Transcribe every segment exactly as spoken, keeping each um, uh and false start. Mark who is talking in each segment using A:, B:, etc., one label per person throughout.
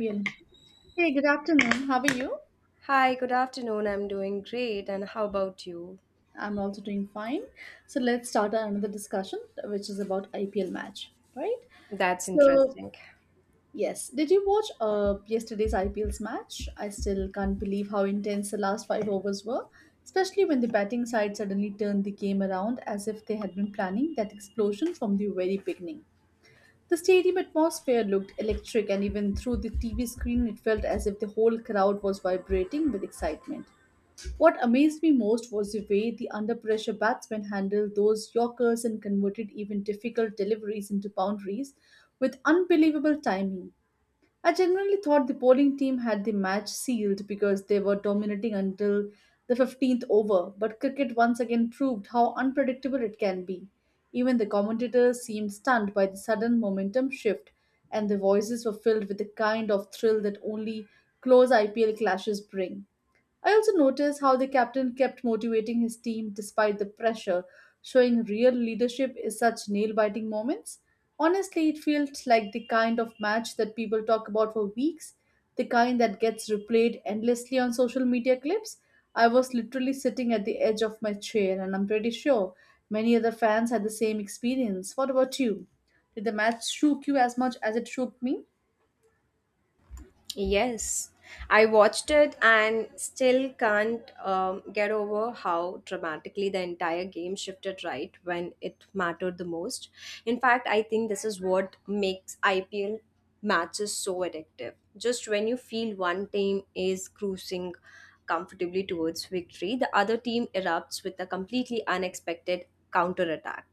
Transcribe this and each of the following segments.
A: Real. Hey, good afternoon. How are you?
B: Hi, good afternoon. I'm doing great. And how about you?
A: I'm also doing fine. So let's start another discussion, which is about I P L match, right?
B: That's
A: So
B: interesting.
A: yes, did you watch uh yesterday's I P L's match? I still can't believe how intense the last five overs were, especially when the batting side suddenly turned the game around as if they had been planning that explosion from the very beginning. The stadium atmosphere looked electric, and even through the T V screen, it felt as if the whole crowd was vibrating with excitement. What amazed me most was the way the under pressure batsmen handled those Yorkers and converted even difficult deliveries into boundaries with unbelievable timing. I genuinely thought the bowling team had the match sealed because they were dominating until the fifteenth over, but cricket once again proved how unpredictable it can be. Even the commentators seemed stunned by the sudden momentum shift, and their voices were filled with the kind of thrill that only close I P L clashes bring. I also noticed how the captain kept motivating his team despite the pressure, showing real leadership in such nail biting moments. Honestly, it felt like the kind of match that people talk about for weeks, the kind that gets replayed endlessly on social media clips. I was literally sitting at the edge of my chair, and I'm pretty sure many other fans had the same experience. What about you? Did the match shook you as much as it shook me?
B: Yes, I watched it and still can't um, get over how dramatically the entire game shifted right when it mattered the most. In fact, I think this is what makes I P L matches so addictive. Just when you feel one team is cruising comfortably towards victory, the other team erupts with a completely unexpected counterattack.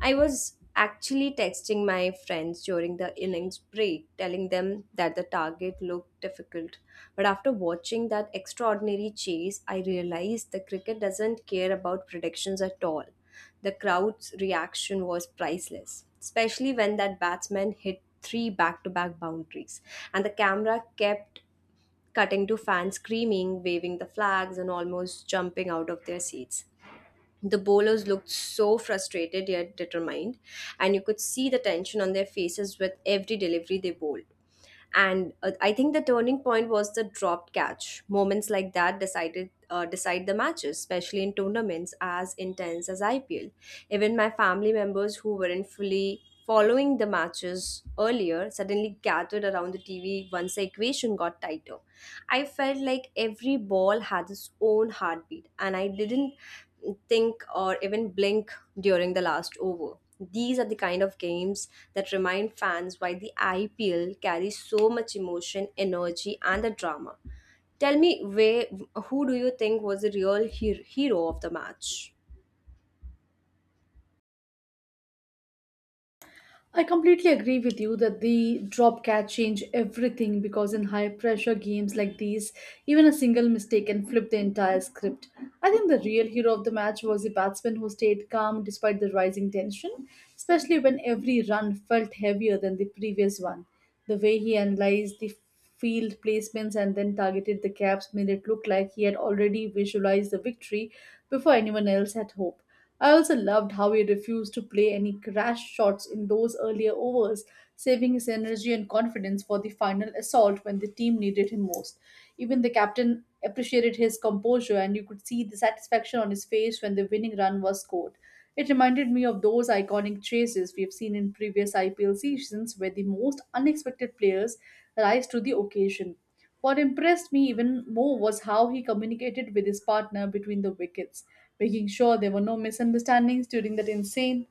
B: I was actually texting my friends during the innings break, telling them that the target looked difficult. But after watching that extraordinary chase, I realized the cricket doesn't care about predictions at all. The crowd's reaction was priceless, especially when that batsman hit three back to back boundaries, and the camera kept cutting to fans screaming, waving the flags, and almost jumping out of their seats. The bowlers looked so frustrated yet determined, and you could see the tension on their faces with every delivery they bowled. And uh, i think the turning point was the dropped catch. Moments like that decided uh, decide the matches, especially in tournaments as intense as IPL. Even my family members who weren't fully following the matches earlier suddenly gathered around the T V once the equation got tighter. I felt like every ball had its own heartbeat, and I didn't think or even blink during the last over. These are the kind of games that remind fans why the I P L carries so much emotion, energy, and the drama. Tell me, where, who do you think was the real he- hero of the match?
A: I completely agree with you that the drop catch change everything because in high pressure games like these, even a single mistake can flip the entire script. I think the real hero of the match was the batsman who stayed calm despite the rising tension, especially when every run felt heavier than the previous one. The way he analyzed the field placements and then targeted the gaps made it look like he had already visualized the victory before anyone else had hope. I also loved how he refused to play any crash shots in those earlier overs, saving his energy and confidence for the final assault when the team needed him most. Even the captain appreciated his composure, and you could see the satisfaction on his face when the winning run was scored. It reminded me of those iconic chases we have seen in previous I P L seasons where the most unexpected players rise to the occasion. What impressed me even more was how he communicated with his partner between the wickets, making sure there were no misunderstandings during that insane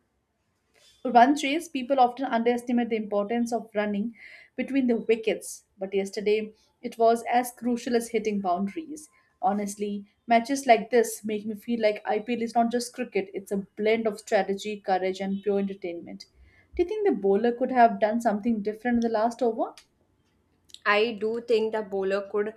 A: run chase. People often underestimate the importance of running between the wickets, but yesterday it was as crucial as hitting boundaries. Honestly, matches like this make me feel like I P L is not just cricket, it's a blend of strategy, courage, and pure entertainment. Do you think the bowler could have done something different in the last over?
B: I do think the bowler could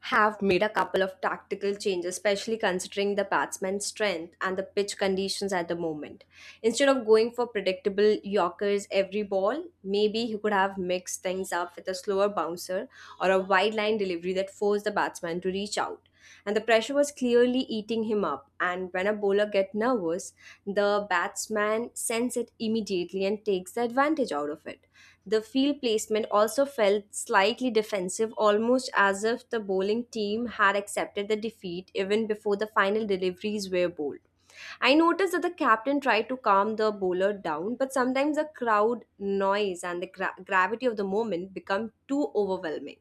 B: have made a couple of tactical changes, especially considering the batsman's strength and the pitch conditions at the moment. Instead of going for predictable Yorkers every ball, maybe he could have mixed things up with a slower bouncer or a wide line delivery that forced the batsman to reach out. And the pressure was clearly eating him up. And when a bowler gets nervous, the batsman sends it immediately and takes the advantage out of it. The field placement also felt slightly defensive, almost as if the bowling team had accepted the defeat even before the final deliveries were bowled. I noticed that the captain tried to calm the bowler down, but sometimes the crowd noise and the gra- gravity of the moment become too overwhelming.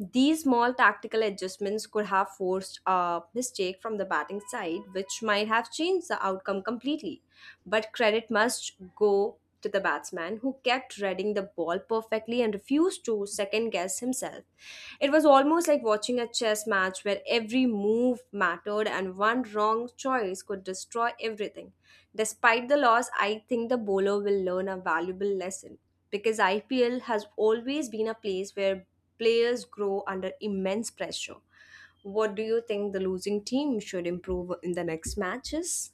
B: These small tactical adjustments could have forced a mistake from the batting side, which might have changed the outcome completely. But credit must go to the batsman, who kept reading the ball perfectly and refused to second guess himself. It was almost like watching a chess match where every move mattered and one wrong choice could destroy everything. Despite the loss, I think the bowler will learn a valuable lesson because I P L has always been a place where players grow under immense pressure. What do you think the losing team should improve in the next matches?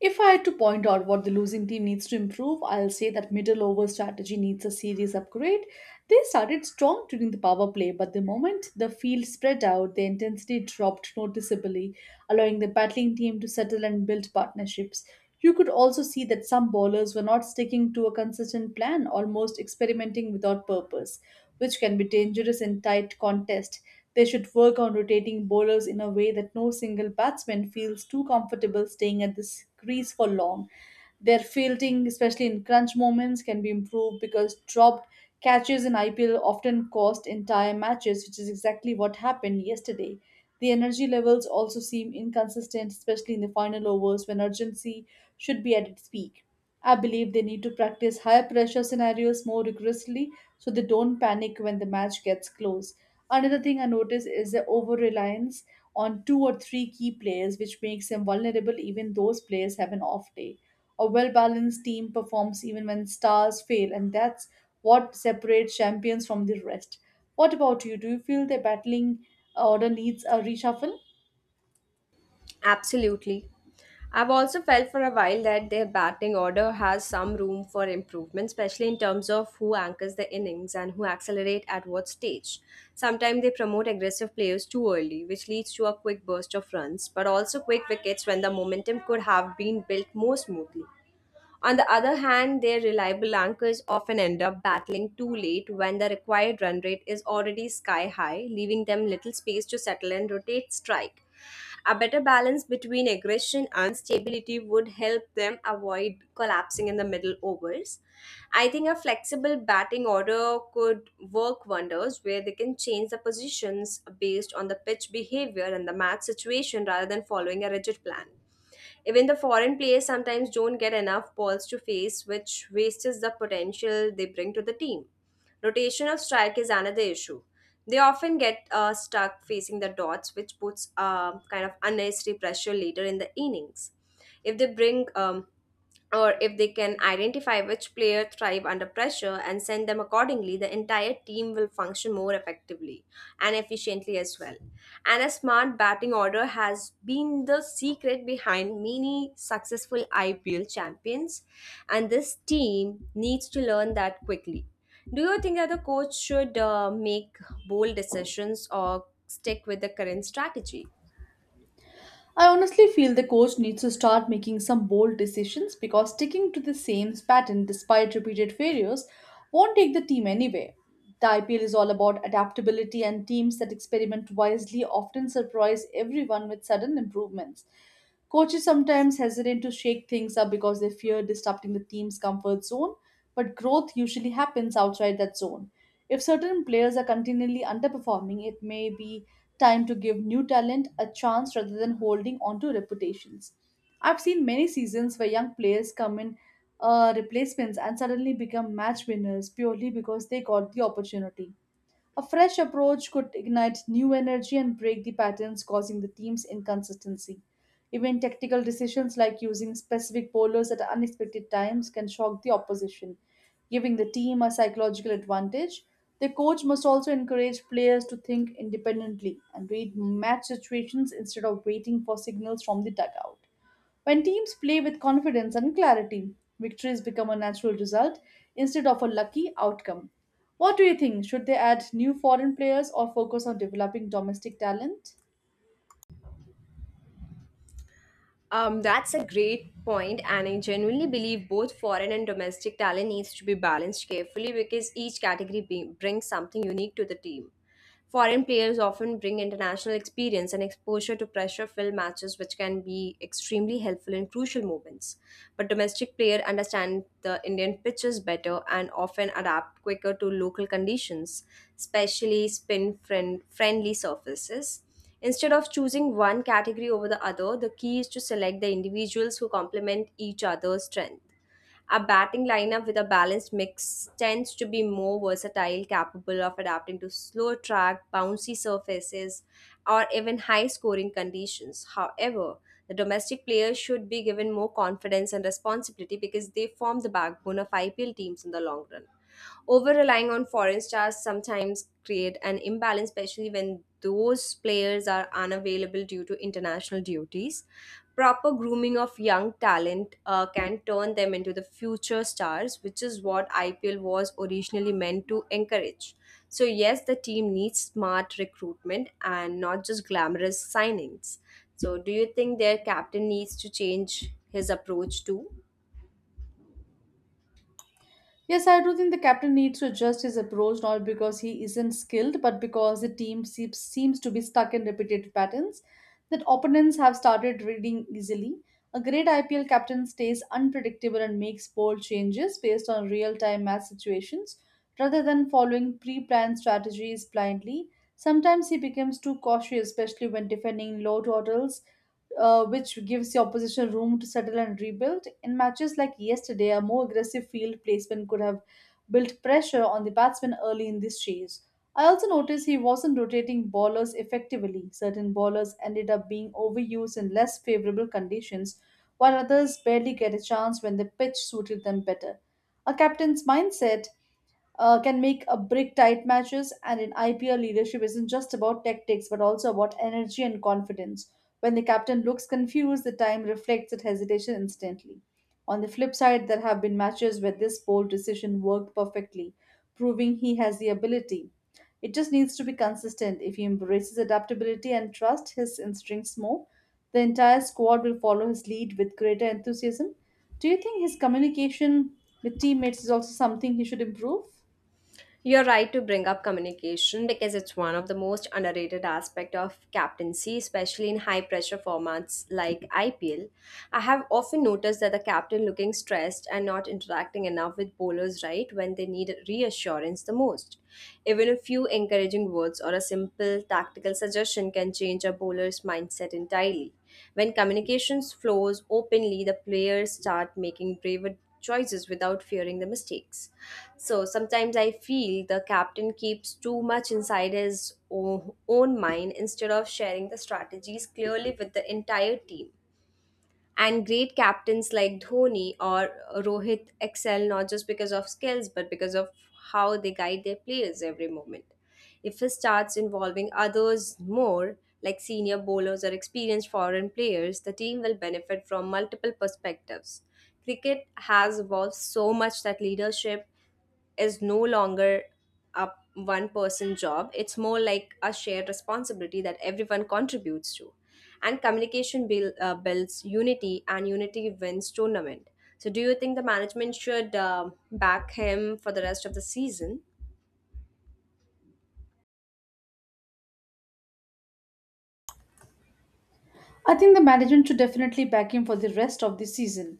A: If I had to point out what the losing team needs to improve, I'll say that middle over strategy needs a serious upgrade. They started strong during the power play, but the moment the field spread out, the intensity dropped noticeably, allowing the battling team to settle and build partnerships. You could also see that some bowlers were not sticking to a consistent plan, almost experimenting without purpose, which can be dangerous in tight contest. They should work on rotating bowlers in a way that no single batsman feels too comfortable staying at this crease for long. Their fielding, especially in crunch moments, can be improved because dropped catches in I P L often cost entire matches, which is exactly what happened yesterday. The energy levels also seem inconsistent, especially in the final overs when urgency should be at its peak. I believe they need to practice high pressure scenarios more rigorously so they don't panic when the match gets close. Another thing I notice is the over reliance on two or three key players, which makes them vulnerable even those players have an off day. A well balanced team performs even when stars fail, and that's what separates champions from the rest. What about you? Do you feel the battling order needs a reshuffle?
B: Absolutely. I've also felt for a while that their batting order has some room for improvement, especially in terms of who anchors the innings and who accelerate at what stage. Sometimes they promote aggressive players too early, which leads to a quick burst of runs, but also quick wickets when the momentum could have been built more smoothly. On the other hand, their reliable anchors often end up battling too late when the required run rate is already sky high, leaving them little space to settle and rotate strike. A better balance between aggression and stability would help them avoid collapsing in the middle overs. I think a flexible batting order could work wonders where they can change the positions based on the pitch behavior and the match situation rather than following a rigid plan. Even the foreign players sometimes don't get enough balls to face, which wastes the potential they bring to the team. Rotation of strike is another issue. They often get uh, stuck facing the dots, which puts uh, kind of unnecessary pressure later in the innings. If they bring um, Or if they can identify which player thrive under pressure and send them accordingly, the entire team will function more effectively and efficiently as well. And a smart batting order has been the secret behind many successful I P L champions, and this team needs to learn that quickly. Do you think that the coach should uh, make bold decisions or stick with the current strategy?
A: I honestly feel the coach needs to start making some bold decisions because sticking to the same pattern despite repeated failures won't take the team anywhere. The I P L is all about adaptability, and teams that experiment wisely often surprise everyone with sudden improvements. Coaches sometimes hesitate to shake things up because they fear disrupting the team's comfort zone, but growth usually happens outside that zone. If certain players are continually underperforming, it may be time to give new talent a chance rather than holding on to reputations. I've seen many seasons where young players come in uh, replacements and suddenly become match winners purely because they got the opportunity. A fresh approach could ignite new energy and break the patterns causing the team's inconsistency. Even tactical decisions like using specific bowlers at unexpected times can shock the opposition, giving the team a psychological advantage. The coach must also encourage players to think independently and read match situations instead of waiting for signals from the dugout. When teams play with confidence and clarity, victories become a natural result instead of a lucky outcome. What do you think? Should they add new foreign players or focus on developing domestic talent?
B: Um, that's a great point, and I genuinely believe both foreign and domestic talent needs to be balanced carefully because each category be- brings something unique to the team. Foreign players often bring international experience and exposure to pressure filled matches, which can be extremely helpful in crucial moments. But domestic players understand the Indian pitches better and often adapt quicker to local conditions, especially spin friend- friendly surfaces. Instead of choosing one category over the other, the key is to select the individuals who complement each other's strength. A batting lineup with a balanced mix tends to be more versatile, capable of adapting to slow track, bouncy surfaces, or even high scoring conditions. However, the domestic players should be given more confidence and responsibility because they form the backbone of I P L teams in the long run. Over relying on foreign stars sometimes create an imbalance, especially when those players are unavailable due to international duties. Proper grooming of young talent uh, can turn them into the future stars, which is what I P L was originally meant to encourage. So, yes, the team needs smart recruitment and not just glamorous signings. So, do you think their captain needs to change his approach too?
A: Yes, I do think the captain needs to adjust his approach not because he isn't skilled, but because the team seems, seems to be stuck in repetitive patterns that opponents have started reading easily. A great I P L captain stays unpredictable and makes bold changes based on real time match situations rather than following pre planned strategies blindly. Sometimes he becomes too cautious, especially when defending low totals uh, which gives the opposition room to settle and rebuild. In matches like yesterday, a more aggressive field placement could have built pressure on the batsman early in this chase. I also noticed he wasn't rotating bowlers effectively. Certain bowlers ended up being overused in less favorable conditions, while others barely get a chance when the pitch suited them better. A captain's mindset uh, can make a brick tight matches. And in I P L, leadership isn't just about tactics, but also about energy and confidence. When the captain looks confused, the time reflects that hesitation instantly. On the flip side, there have been matches where this bold decision worked perfectly, proving he has the ability. It just needs to be consistent. If he embraces adaptability and trusts his instincts more, the entire squad will follow his lead with greater enthusiasm. Do you think his communication with teammates is also something he should improve?
B: You're right to bring up communication because it's one of the most underrated aspect of captaincy, especially in high pressure formats like I P L. I have often noticed that the captain looking stressed and not interacting enough with bowlers right when they need reassurance the most. Even a few encouraging words or a simple tactical suggestion can change a bowler's mindset entirely. When communications flows openly, the players start making braver choices without fearing the mistakes. So sometimes I feel the captain keeps too much inside his o- own mind instead of sharing the strategies clearly with the entire team. And great captains like Dhoni or Rohit excel not just because of skills but because of how they guide their players every moment. If he starts involving others more, like senior bowlers or experienced foreign players, the team will benefit from multiple perspectives. Cricket has evolved so much that leadership is no longer a one person job. It's more like a shared responsibility that everyone contributes to. And communication build, uh, builds unity, and unity wins tournament. So do you think the management should uh, back him for the rest of the season?
A: I think the management should definitely back him for the rest of the season.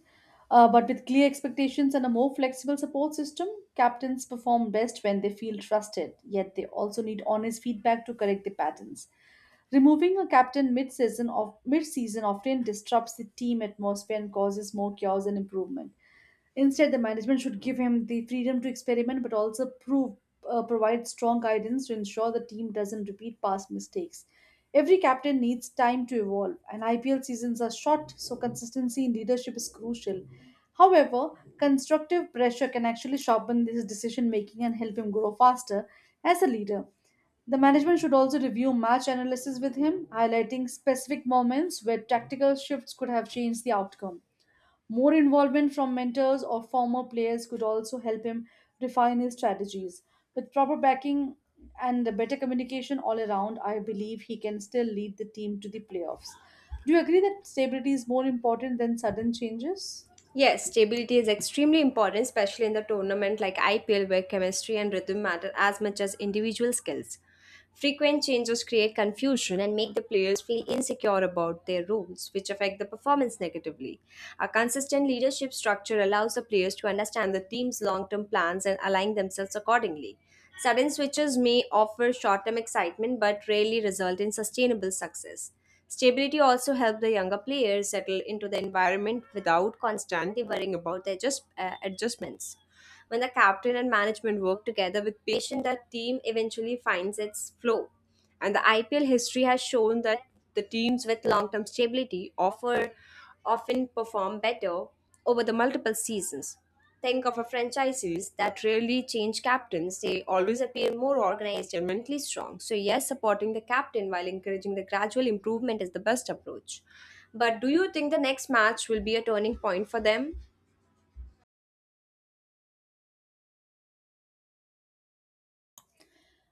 A: Uh, but with clear expectations and a more flexible support system, captains perform best when they feel trusted, yet they also need honest feedback to correct the patterns. Removing a captain mid-season of mid-season often disrupts the team atmosphere and causes more chaos and improvement. Instead, the management should give him the freedom to experiment but also prove, uh, provide strong guidance to ensure the team doesn't repeat past mistakes. Every captain needs time to evolve, and I P L seasons are short, so consistency in leadership is crucial. However, constructive pressure can actually sharpen his decision making and help him grow faster as a leader. The management should also review match analysis with him, highlighting specific moments where tactical shifts could have changed the outcome. More involvement from mentors or former players could also help him refine his strategies. With proper backing and better communication all around, I believe he can still lead the team to the playoffs. Do you agree that stability is more important than sudden changes?
B: Yes, stability is extremely important, especially in the tournament like IPL where chemistry and rhythm matter as much as individual skills. Frequent changes create confusion and make the players feel insecure about their roles, which affect the performance negatively. A consistent leadership structure allows the players to understand the team's long term plans and align themselves accordingly. Sudden switches may offer short term excitement but rarely result in sustainable success. Stability also helps the younger players settle into the environment without constantly worrying about their adjust, uh, adjustments. When the captain and management work together with patience, the team eventually finds its flow. And the I P L history has shown that the teams with long-term stability offer often perform better over the multiple seasons. Think of a franchises that rarely change captains. They always appear more organized and mentally strong. So yes, supporting the captain while encouraging the gradual improvement is the best approach. But do you think the next match will be a turning point for them?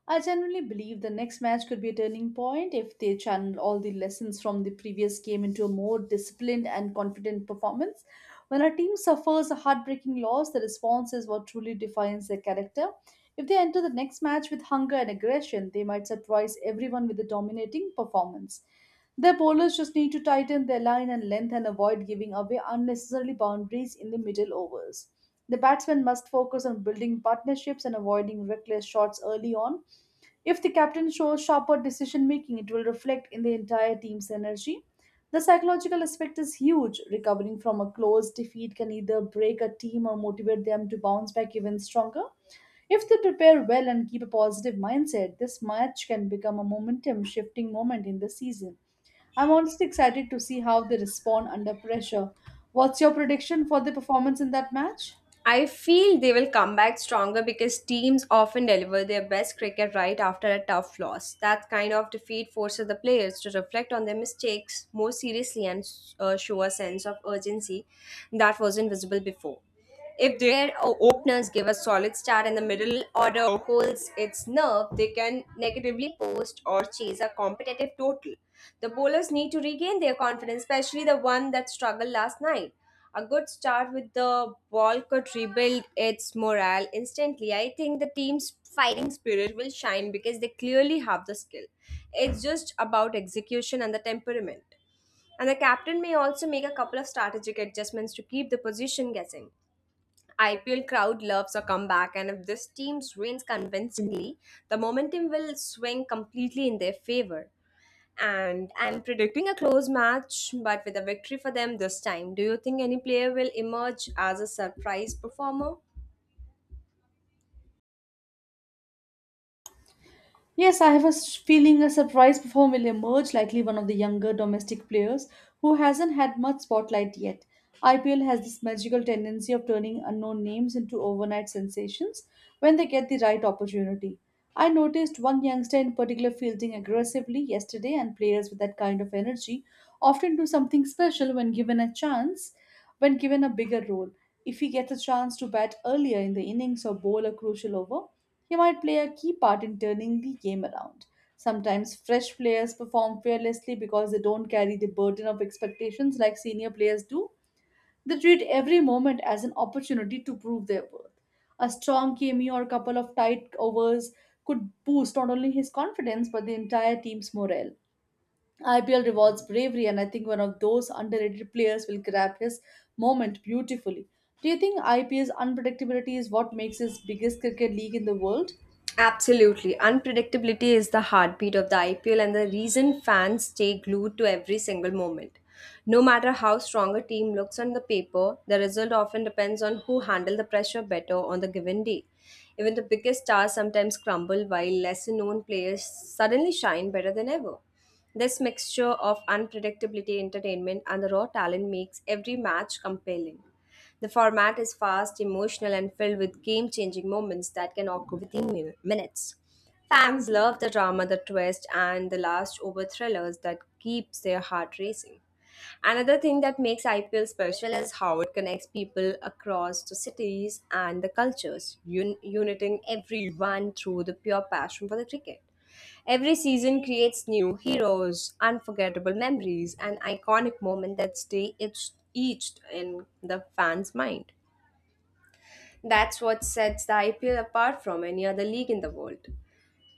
A: I genuinely believe the next match could be a turning point if they channel all the lessons from the previous game into a more disciplined and confident performance. When a team suffers a heartbreaking loss, the response is what truly defines their character. If they enter the next match with hunger and aggression, they might surprise everyone with a dominating performance. Their bowlers just need to tighten their line and length and avoid giving away unnecessarily boundaries in the middle overs. The batsmen must focus on building partnerships and avoiding reckless shots early on if the captain shows sharper decision making, it will reflect in the entire team's energy. The psychological aspect is huge. Recovering from a close defeat can either break a team or motivate them to bounce back even stronger. If they prepare well and keep a positive mindset, this match can become a momentum shifting moment in the season. I'm honestly excited to see how they respond under pressure. What's your prediction for the performance in that match?
B: I feel they will come back stronger because teams often deliver their best cricket right after a tough loss. That kind of defeat forces the players to reflect on their mistakes more seriously and uh, show a sense of urgency that wasn't visible before. If their o- openers give a solid start and the middle order holds its nerve, they can negatively post or chase a competitive total. The bowlers need to regain their confidence, especially the one that struggled last night. A good start with the ball could rebuild its morale instantly. I think the team's fighting spirit will shine because they clearly have the skill. It's just about execution and the temperament. And the captain may also make a couple of strategic adjustments to keep the position guessing. I P L crowd loves a comeback, and if this team wins convincingly, the momentum will swing completely in their favor, and I'm predicting a close match, but with a victory for them this time. Do you think any player will emerge as a surprise performer?
A: Yes, I have a s- feeling a surprise performer will emerge, likely one of the younger domestic players who hasn't had much spotlight yet. I P L has this magical tendency of turning unknown names into overnight sensations when they get the right opportunity. I noticed one youngster in particular fielding aggressively yesterday, and players with that kind of energy often do something special when given a chance, when given a bigger role. If he gets a chance to bat earlier in the innings or bowl a crucial over, he might play a key part in turning the game around. Sometimes fresh players perform fearlessly because they don't carry the burden of expectations like senior players do. They treat every moment as an opportunity to prove their worth. A strong cameo or a couple of tight overs could boost not only his confidence but the entire team's morale. I P L rewards bravery, and I think one of those underrated players will grab his moment beautifully. Do you think I P L's unpredictability is what makes this biggest cricket league in the world?
B: Absolutely. Unpredictability is the heartbeat of the I P L and the reason fans stay glued to every single moment. No matter how strong a team looks on the paper, the result often depends on who handle the pressure better on the given day. Even the biggest stars sometimes crumble while lesser known players suddenly shine better than ever. This mixture of unpredictability, entertainment, and the raw talent makes every match compelling. The format is fast, emotional, and filled with game changing moments that can occur within min- minutes. Fans love the drama, the twist, and the last over thrillers that keeps their heart racing. Another thing that makes I P L special is how it connects people across the cities and the cultures, un- uniting everyone through the pure passion for the cricket. Every season creates new heroes, unforgettable memories, and iconic moments that stay etched etched in the fans' mind. That's what sets the I P L apart from any other league in the world.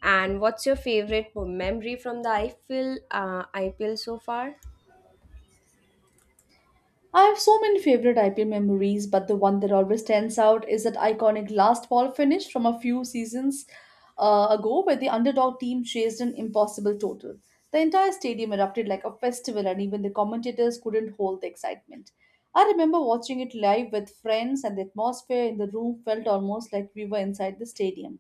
B: And what's your favorite memory from the I P L, uh, I P L so far?
A: I have so many favorite I P L memories, but the one that always stands out is that iconic last ball finish from a few seasons uh, ago where the underdog team chased an impossible total. The entire stadium erupted like a festival, and even the commentators couldn't hold the excitement. I remember watching it live with friends, and the atmosphere in the room felt almost like we were inside the stadium.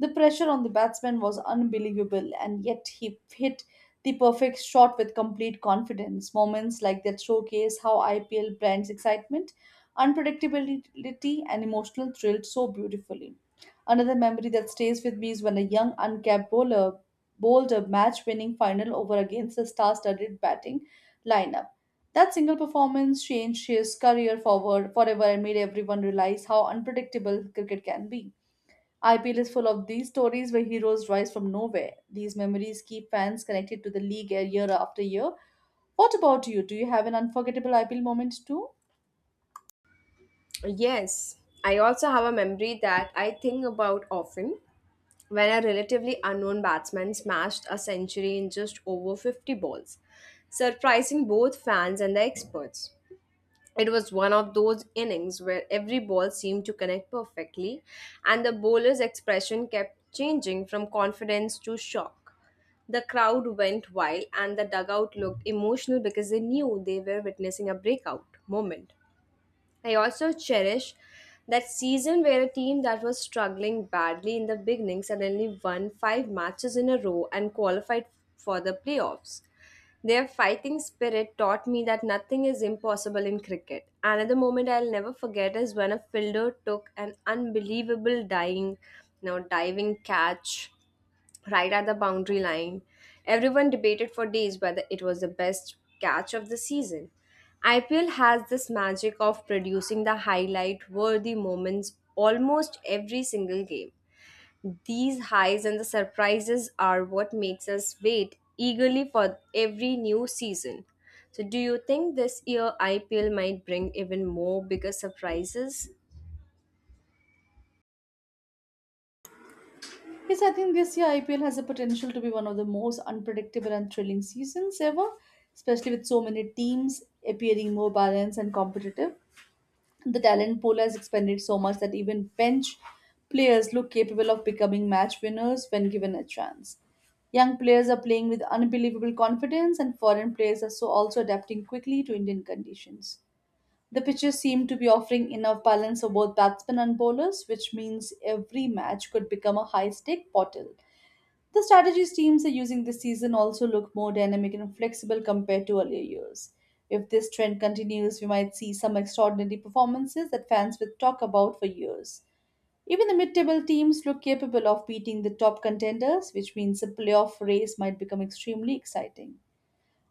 A: The pressure on the batsman was unbelievable, and yet he hit the perfect shot with complete confidence. Moments like that showcase how I P L blends excitement, unpredictability, and emotional thrill so beautifully. Another memory that stays with me is when a young uncapped bowler bowled a match winning final over against a star studded batting lineup. That single performance changed his career forward forever and made everyone realize how unpredictable cricket can be. I P L is full of these stories where heroes rise from nowhere. These memories keep fans connected to the league year after year. What about you? Do you have an unforgettable I P L moment too?
B: Yes, I also have a memory that I think about often when a relatively unknown batsman smashed a century in just over fifty balls, surprising both fans and the experts. It was one of those innings where every ball seemed to connect perfectly, and the bowler's expression kept changing from confidence to shock. The crowd went wild, and the dugout looked emotional because they knew they were witnessing a breakout moment. I also cherish that season where a team that was struggling badly in the beginning suddenly won five matches in a row and qualified for the playoffs. Their fighting spirit taught me that nothing is impossible in cricket. Another moment I'll never forget is when a fielder took an unbelievable dying, you know, diving catch right at the boundary line. Everyone debated for days whether it was the best catch of the season. I P L has this magic of producing the highlight worthy moments almost every single game. These highs and the surprises are what makes us wait eagerly for every new season. So do you think this year I P L might bring even more bigger surprises?
A: Yes, I think this year I P L has the potential to be one of the most unpredictable and thrilling seasons ever, especially with so many teams appearing more balanced and competitive. The talent pool has expanded so much that even bench players look capable of becoming match winners when given a chance. Young players are playing with unbelievable confidence, and foreign players are so also adapting quickly to Indian conditions. The pitches seem to be offering enough balance for both batsmen and bowlers, which means every match could become a high stake portal. The strategies teams are using this season also look more dynamic and flexible compared to earlier years. If this trend continues, we might see some extraordinary performances that fans will talk about for years. Even the mid table teams look capable of beating the top contenders, which means the playoff race might become extremely exciting.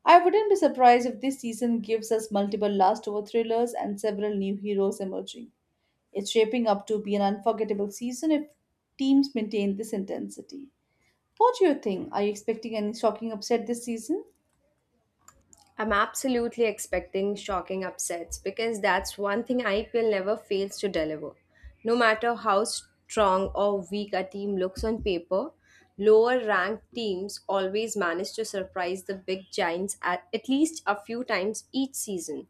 A: I wouldn't be surprised if this season gives us multiple last over thrillers and several new heroes emerging. It's shaping up to be an unforgettable season if teams maintain this intensity. What do you think? Are you expecting any shocking upset this season?
B: I'm absolutely expecting shocking upsets because that's one thing I P L never fails to deliver. No matter how strong or weak a team looks on paper, lower ranked teams always manage to surprise the big giants at, at least a few times each season.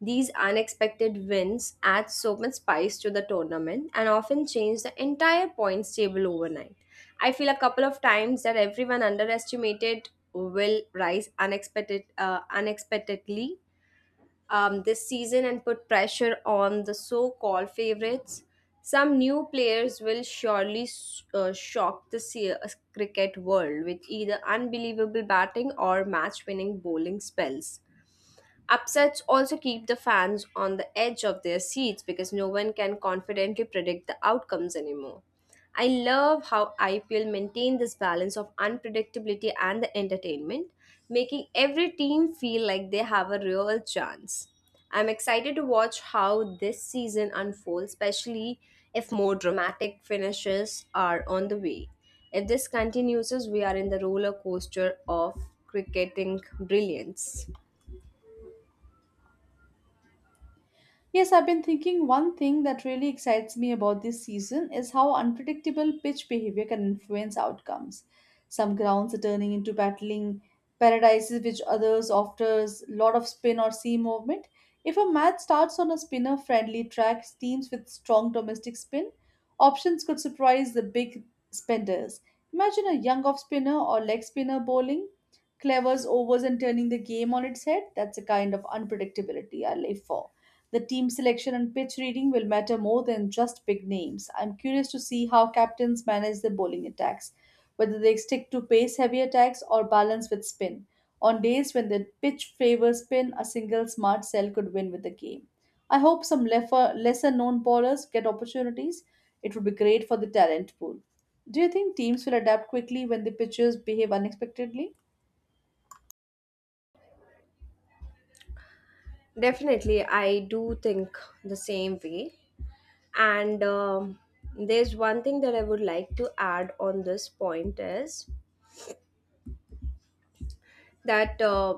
B: These unexpected wins add so much spice to the tournament and often change the entire points table overnight. I feel a couple of times that everyone underestimated will rise unexpected, uh, unexpectedly um, this season and put pressure on the so-called favorites. Some new players will surely uh, shock the se- uh, cricket world with either unbelievable batting or match-winning bowling spells. Upsets also keep the fans on the edge of their seats because no one can confidently predict the outcomes anymore. I love how I P L maintained this balance of unpredictability and the entertainment, making every team feel like they have a real chance. I'm excited to watch how this season unfolds, especially if more dramatic finishes are on the way. If this continues, we are in the roller coaster of cricketing brilliance.
A: Yes, I've been thinking one thing that really excites me about this season is how unpredictable pitch behavior can influence outcomes. Some grounds are turning into battling paradises, which others offers a lot of spin or seam movement. If a match starts on a spinner friendly track, teams with strong domestic spin options could surprise the big spenders. Imagine a young off spinner or leg spinner bowling clever's overs and turning the game on its head. That's a kind of unpredictability I live for. The team selection and pitch reading will matter more than just big names. I'm curious to see how captains manage their bowling attacks, whether they stick to pace heavy attacks or balance with spin. On days when the pitch favors spin, a single smart sell could win with the game. I hope some lesser known bowlers get opportunities. It would be great for the talent pool. Do you think teams will adapt quickly when the pitchers behave unexpectedly?
B: Definitely, I do think the same way. And um, There's one thing that I would like to add on this point is that uh,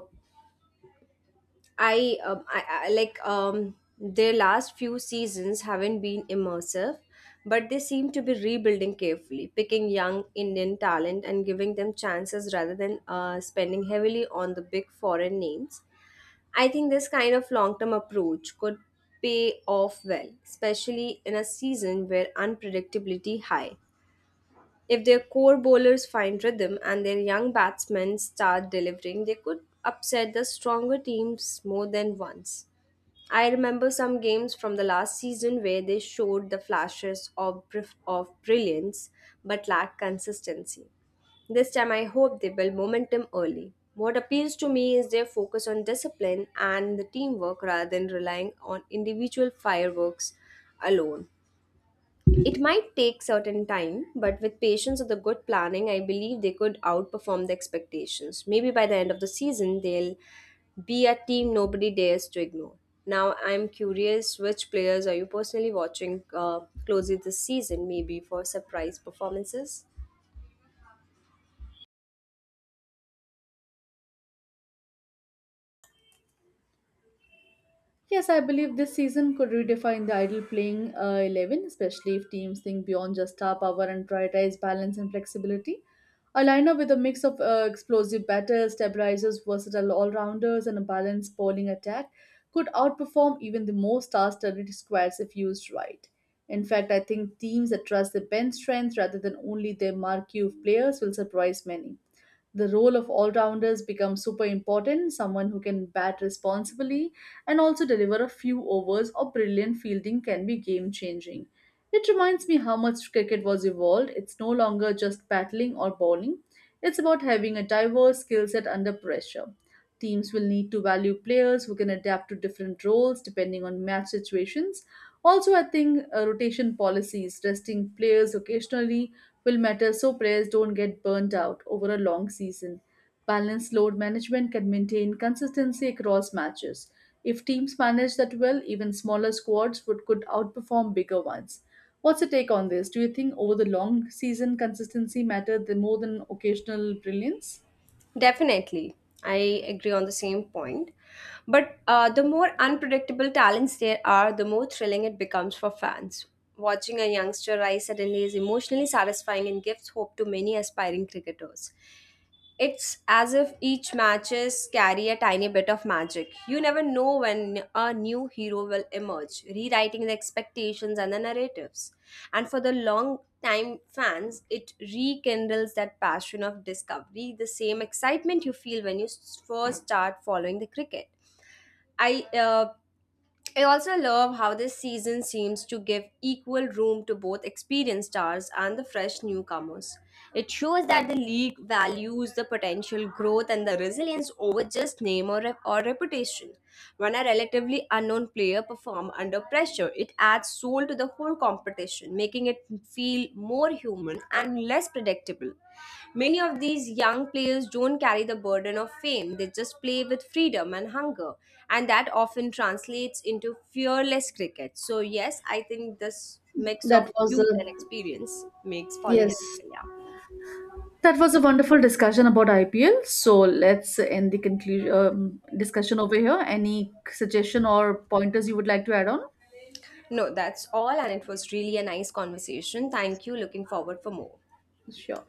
B: I, um, I, I like um, their last few seasons haven't been immersive, but they seem to be rebuilding carefully, picking young Indian talent and giving them chances rather than uh, spending heavily on the big foreign names. I think this kind of long term approach could pay off well, especially in a season where unpredictability high. If their core bowlers find rhythm and their young batsmen start delivering, they could upset the stronger teams more than once. I remember some games from the last season where they showed the flashes of, br- of brilliance but lacked consistency. This time, I hope they build momentum early. What appeals to me is their focus on discipline and the teamwork rather than relying on individual fireworks alone. It might take certain time, but with patience and the good planning, I believe they could outperform the expectations. Maybe by the end of the season, they'll be a team nobody dares to ignore. Now, I'm curious which players are you personally watching uh, closely this season, maybe for surprise performances?
A: Yes, I believe this season could redefine the ideal playing uh, eleven, especially if teams think beyond just star power and prioritize balance and flexibility. A lineup with a mix of uh, explosive batters, stabilizers, versatile all rounders, and a balanced bowling attack could outperform even the most star studded squads if used right. In fact, I think teams that trust their bench strength rather than only their marquee of players will surprise many. The role of all rounders becomes super important. Someone who can bat responsibly and also deliver a few overs or brilliant fielding can be game changing. It reminds me how much cricket was evolved. It's no longer just battling or bowling. It's about having a diverse skill set under pressure. Teams will need to value players who can adapt to different roles depending on match situations. Also, I think uh, rotation policies, resting players occasionally, will matter so players don't get burnt out over a long season. Balanced load management can maintain consistency across matches. If teams manage that well, even smaller squads would could outperform bigger ones. What's your take on this? Do you think over the long season consistency mattered the- more than occasional brilliance?
B: Definitely. I agree on the same point. But uh, the more unpredictable talents there are, the more thrilling it becomes for fans. Watching a youngster rise suddenly is emotionally satisfying and gives hope to many aspiring cricketers. It's as if each matches carry a tiny bit of magic. You never know when a new hero will emerge, rewriting the expectations and the narratives. And for the long time fans, it rekindles that passion of discovery, the same excitement you feel when you s- first start following the cricket. I uh, I also love how this season seems to give equal room to both experienced stars and the fresh newcomers. It shows that the league values the potential growth and the resilience over just name or, rep- or reputation. When a relatively unknown player performs under pressure, it adds soul to the whole transportation, making it feel more human and less predictable. Many of these young players don't carry the burden of fame, they just play with freedom and hunger, and that often translates into fearless cricket. So, yes, I think this mix of
A: That was a
B: youth and experience makes following
A: yes.
B: African, yeah.
A: That was a wonderful discussion about I P L. So let's end the conclusion um, discussion over here. Any suggestion or pointers you would like to add on?
B: No, that's all, and it was really a nice conversation. Thank you. Looking forward for more.
A: Sure.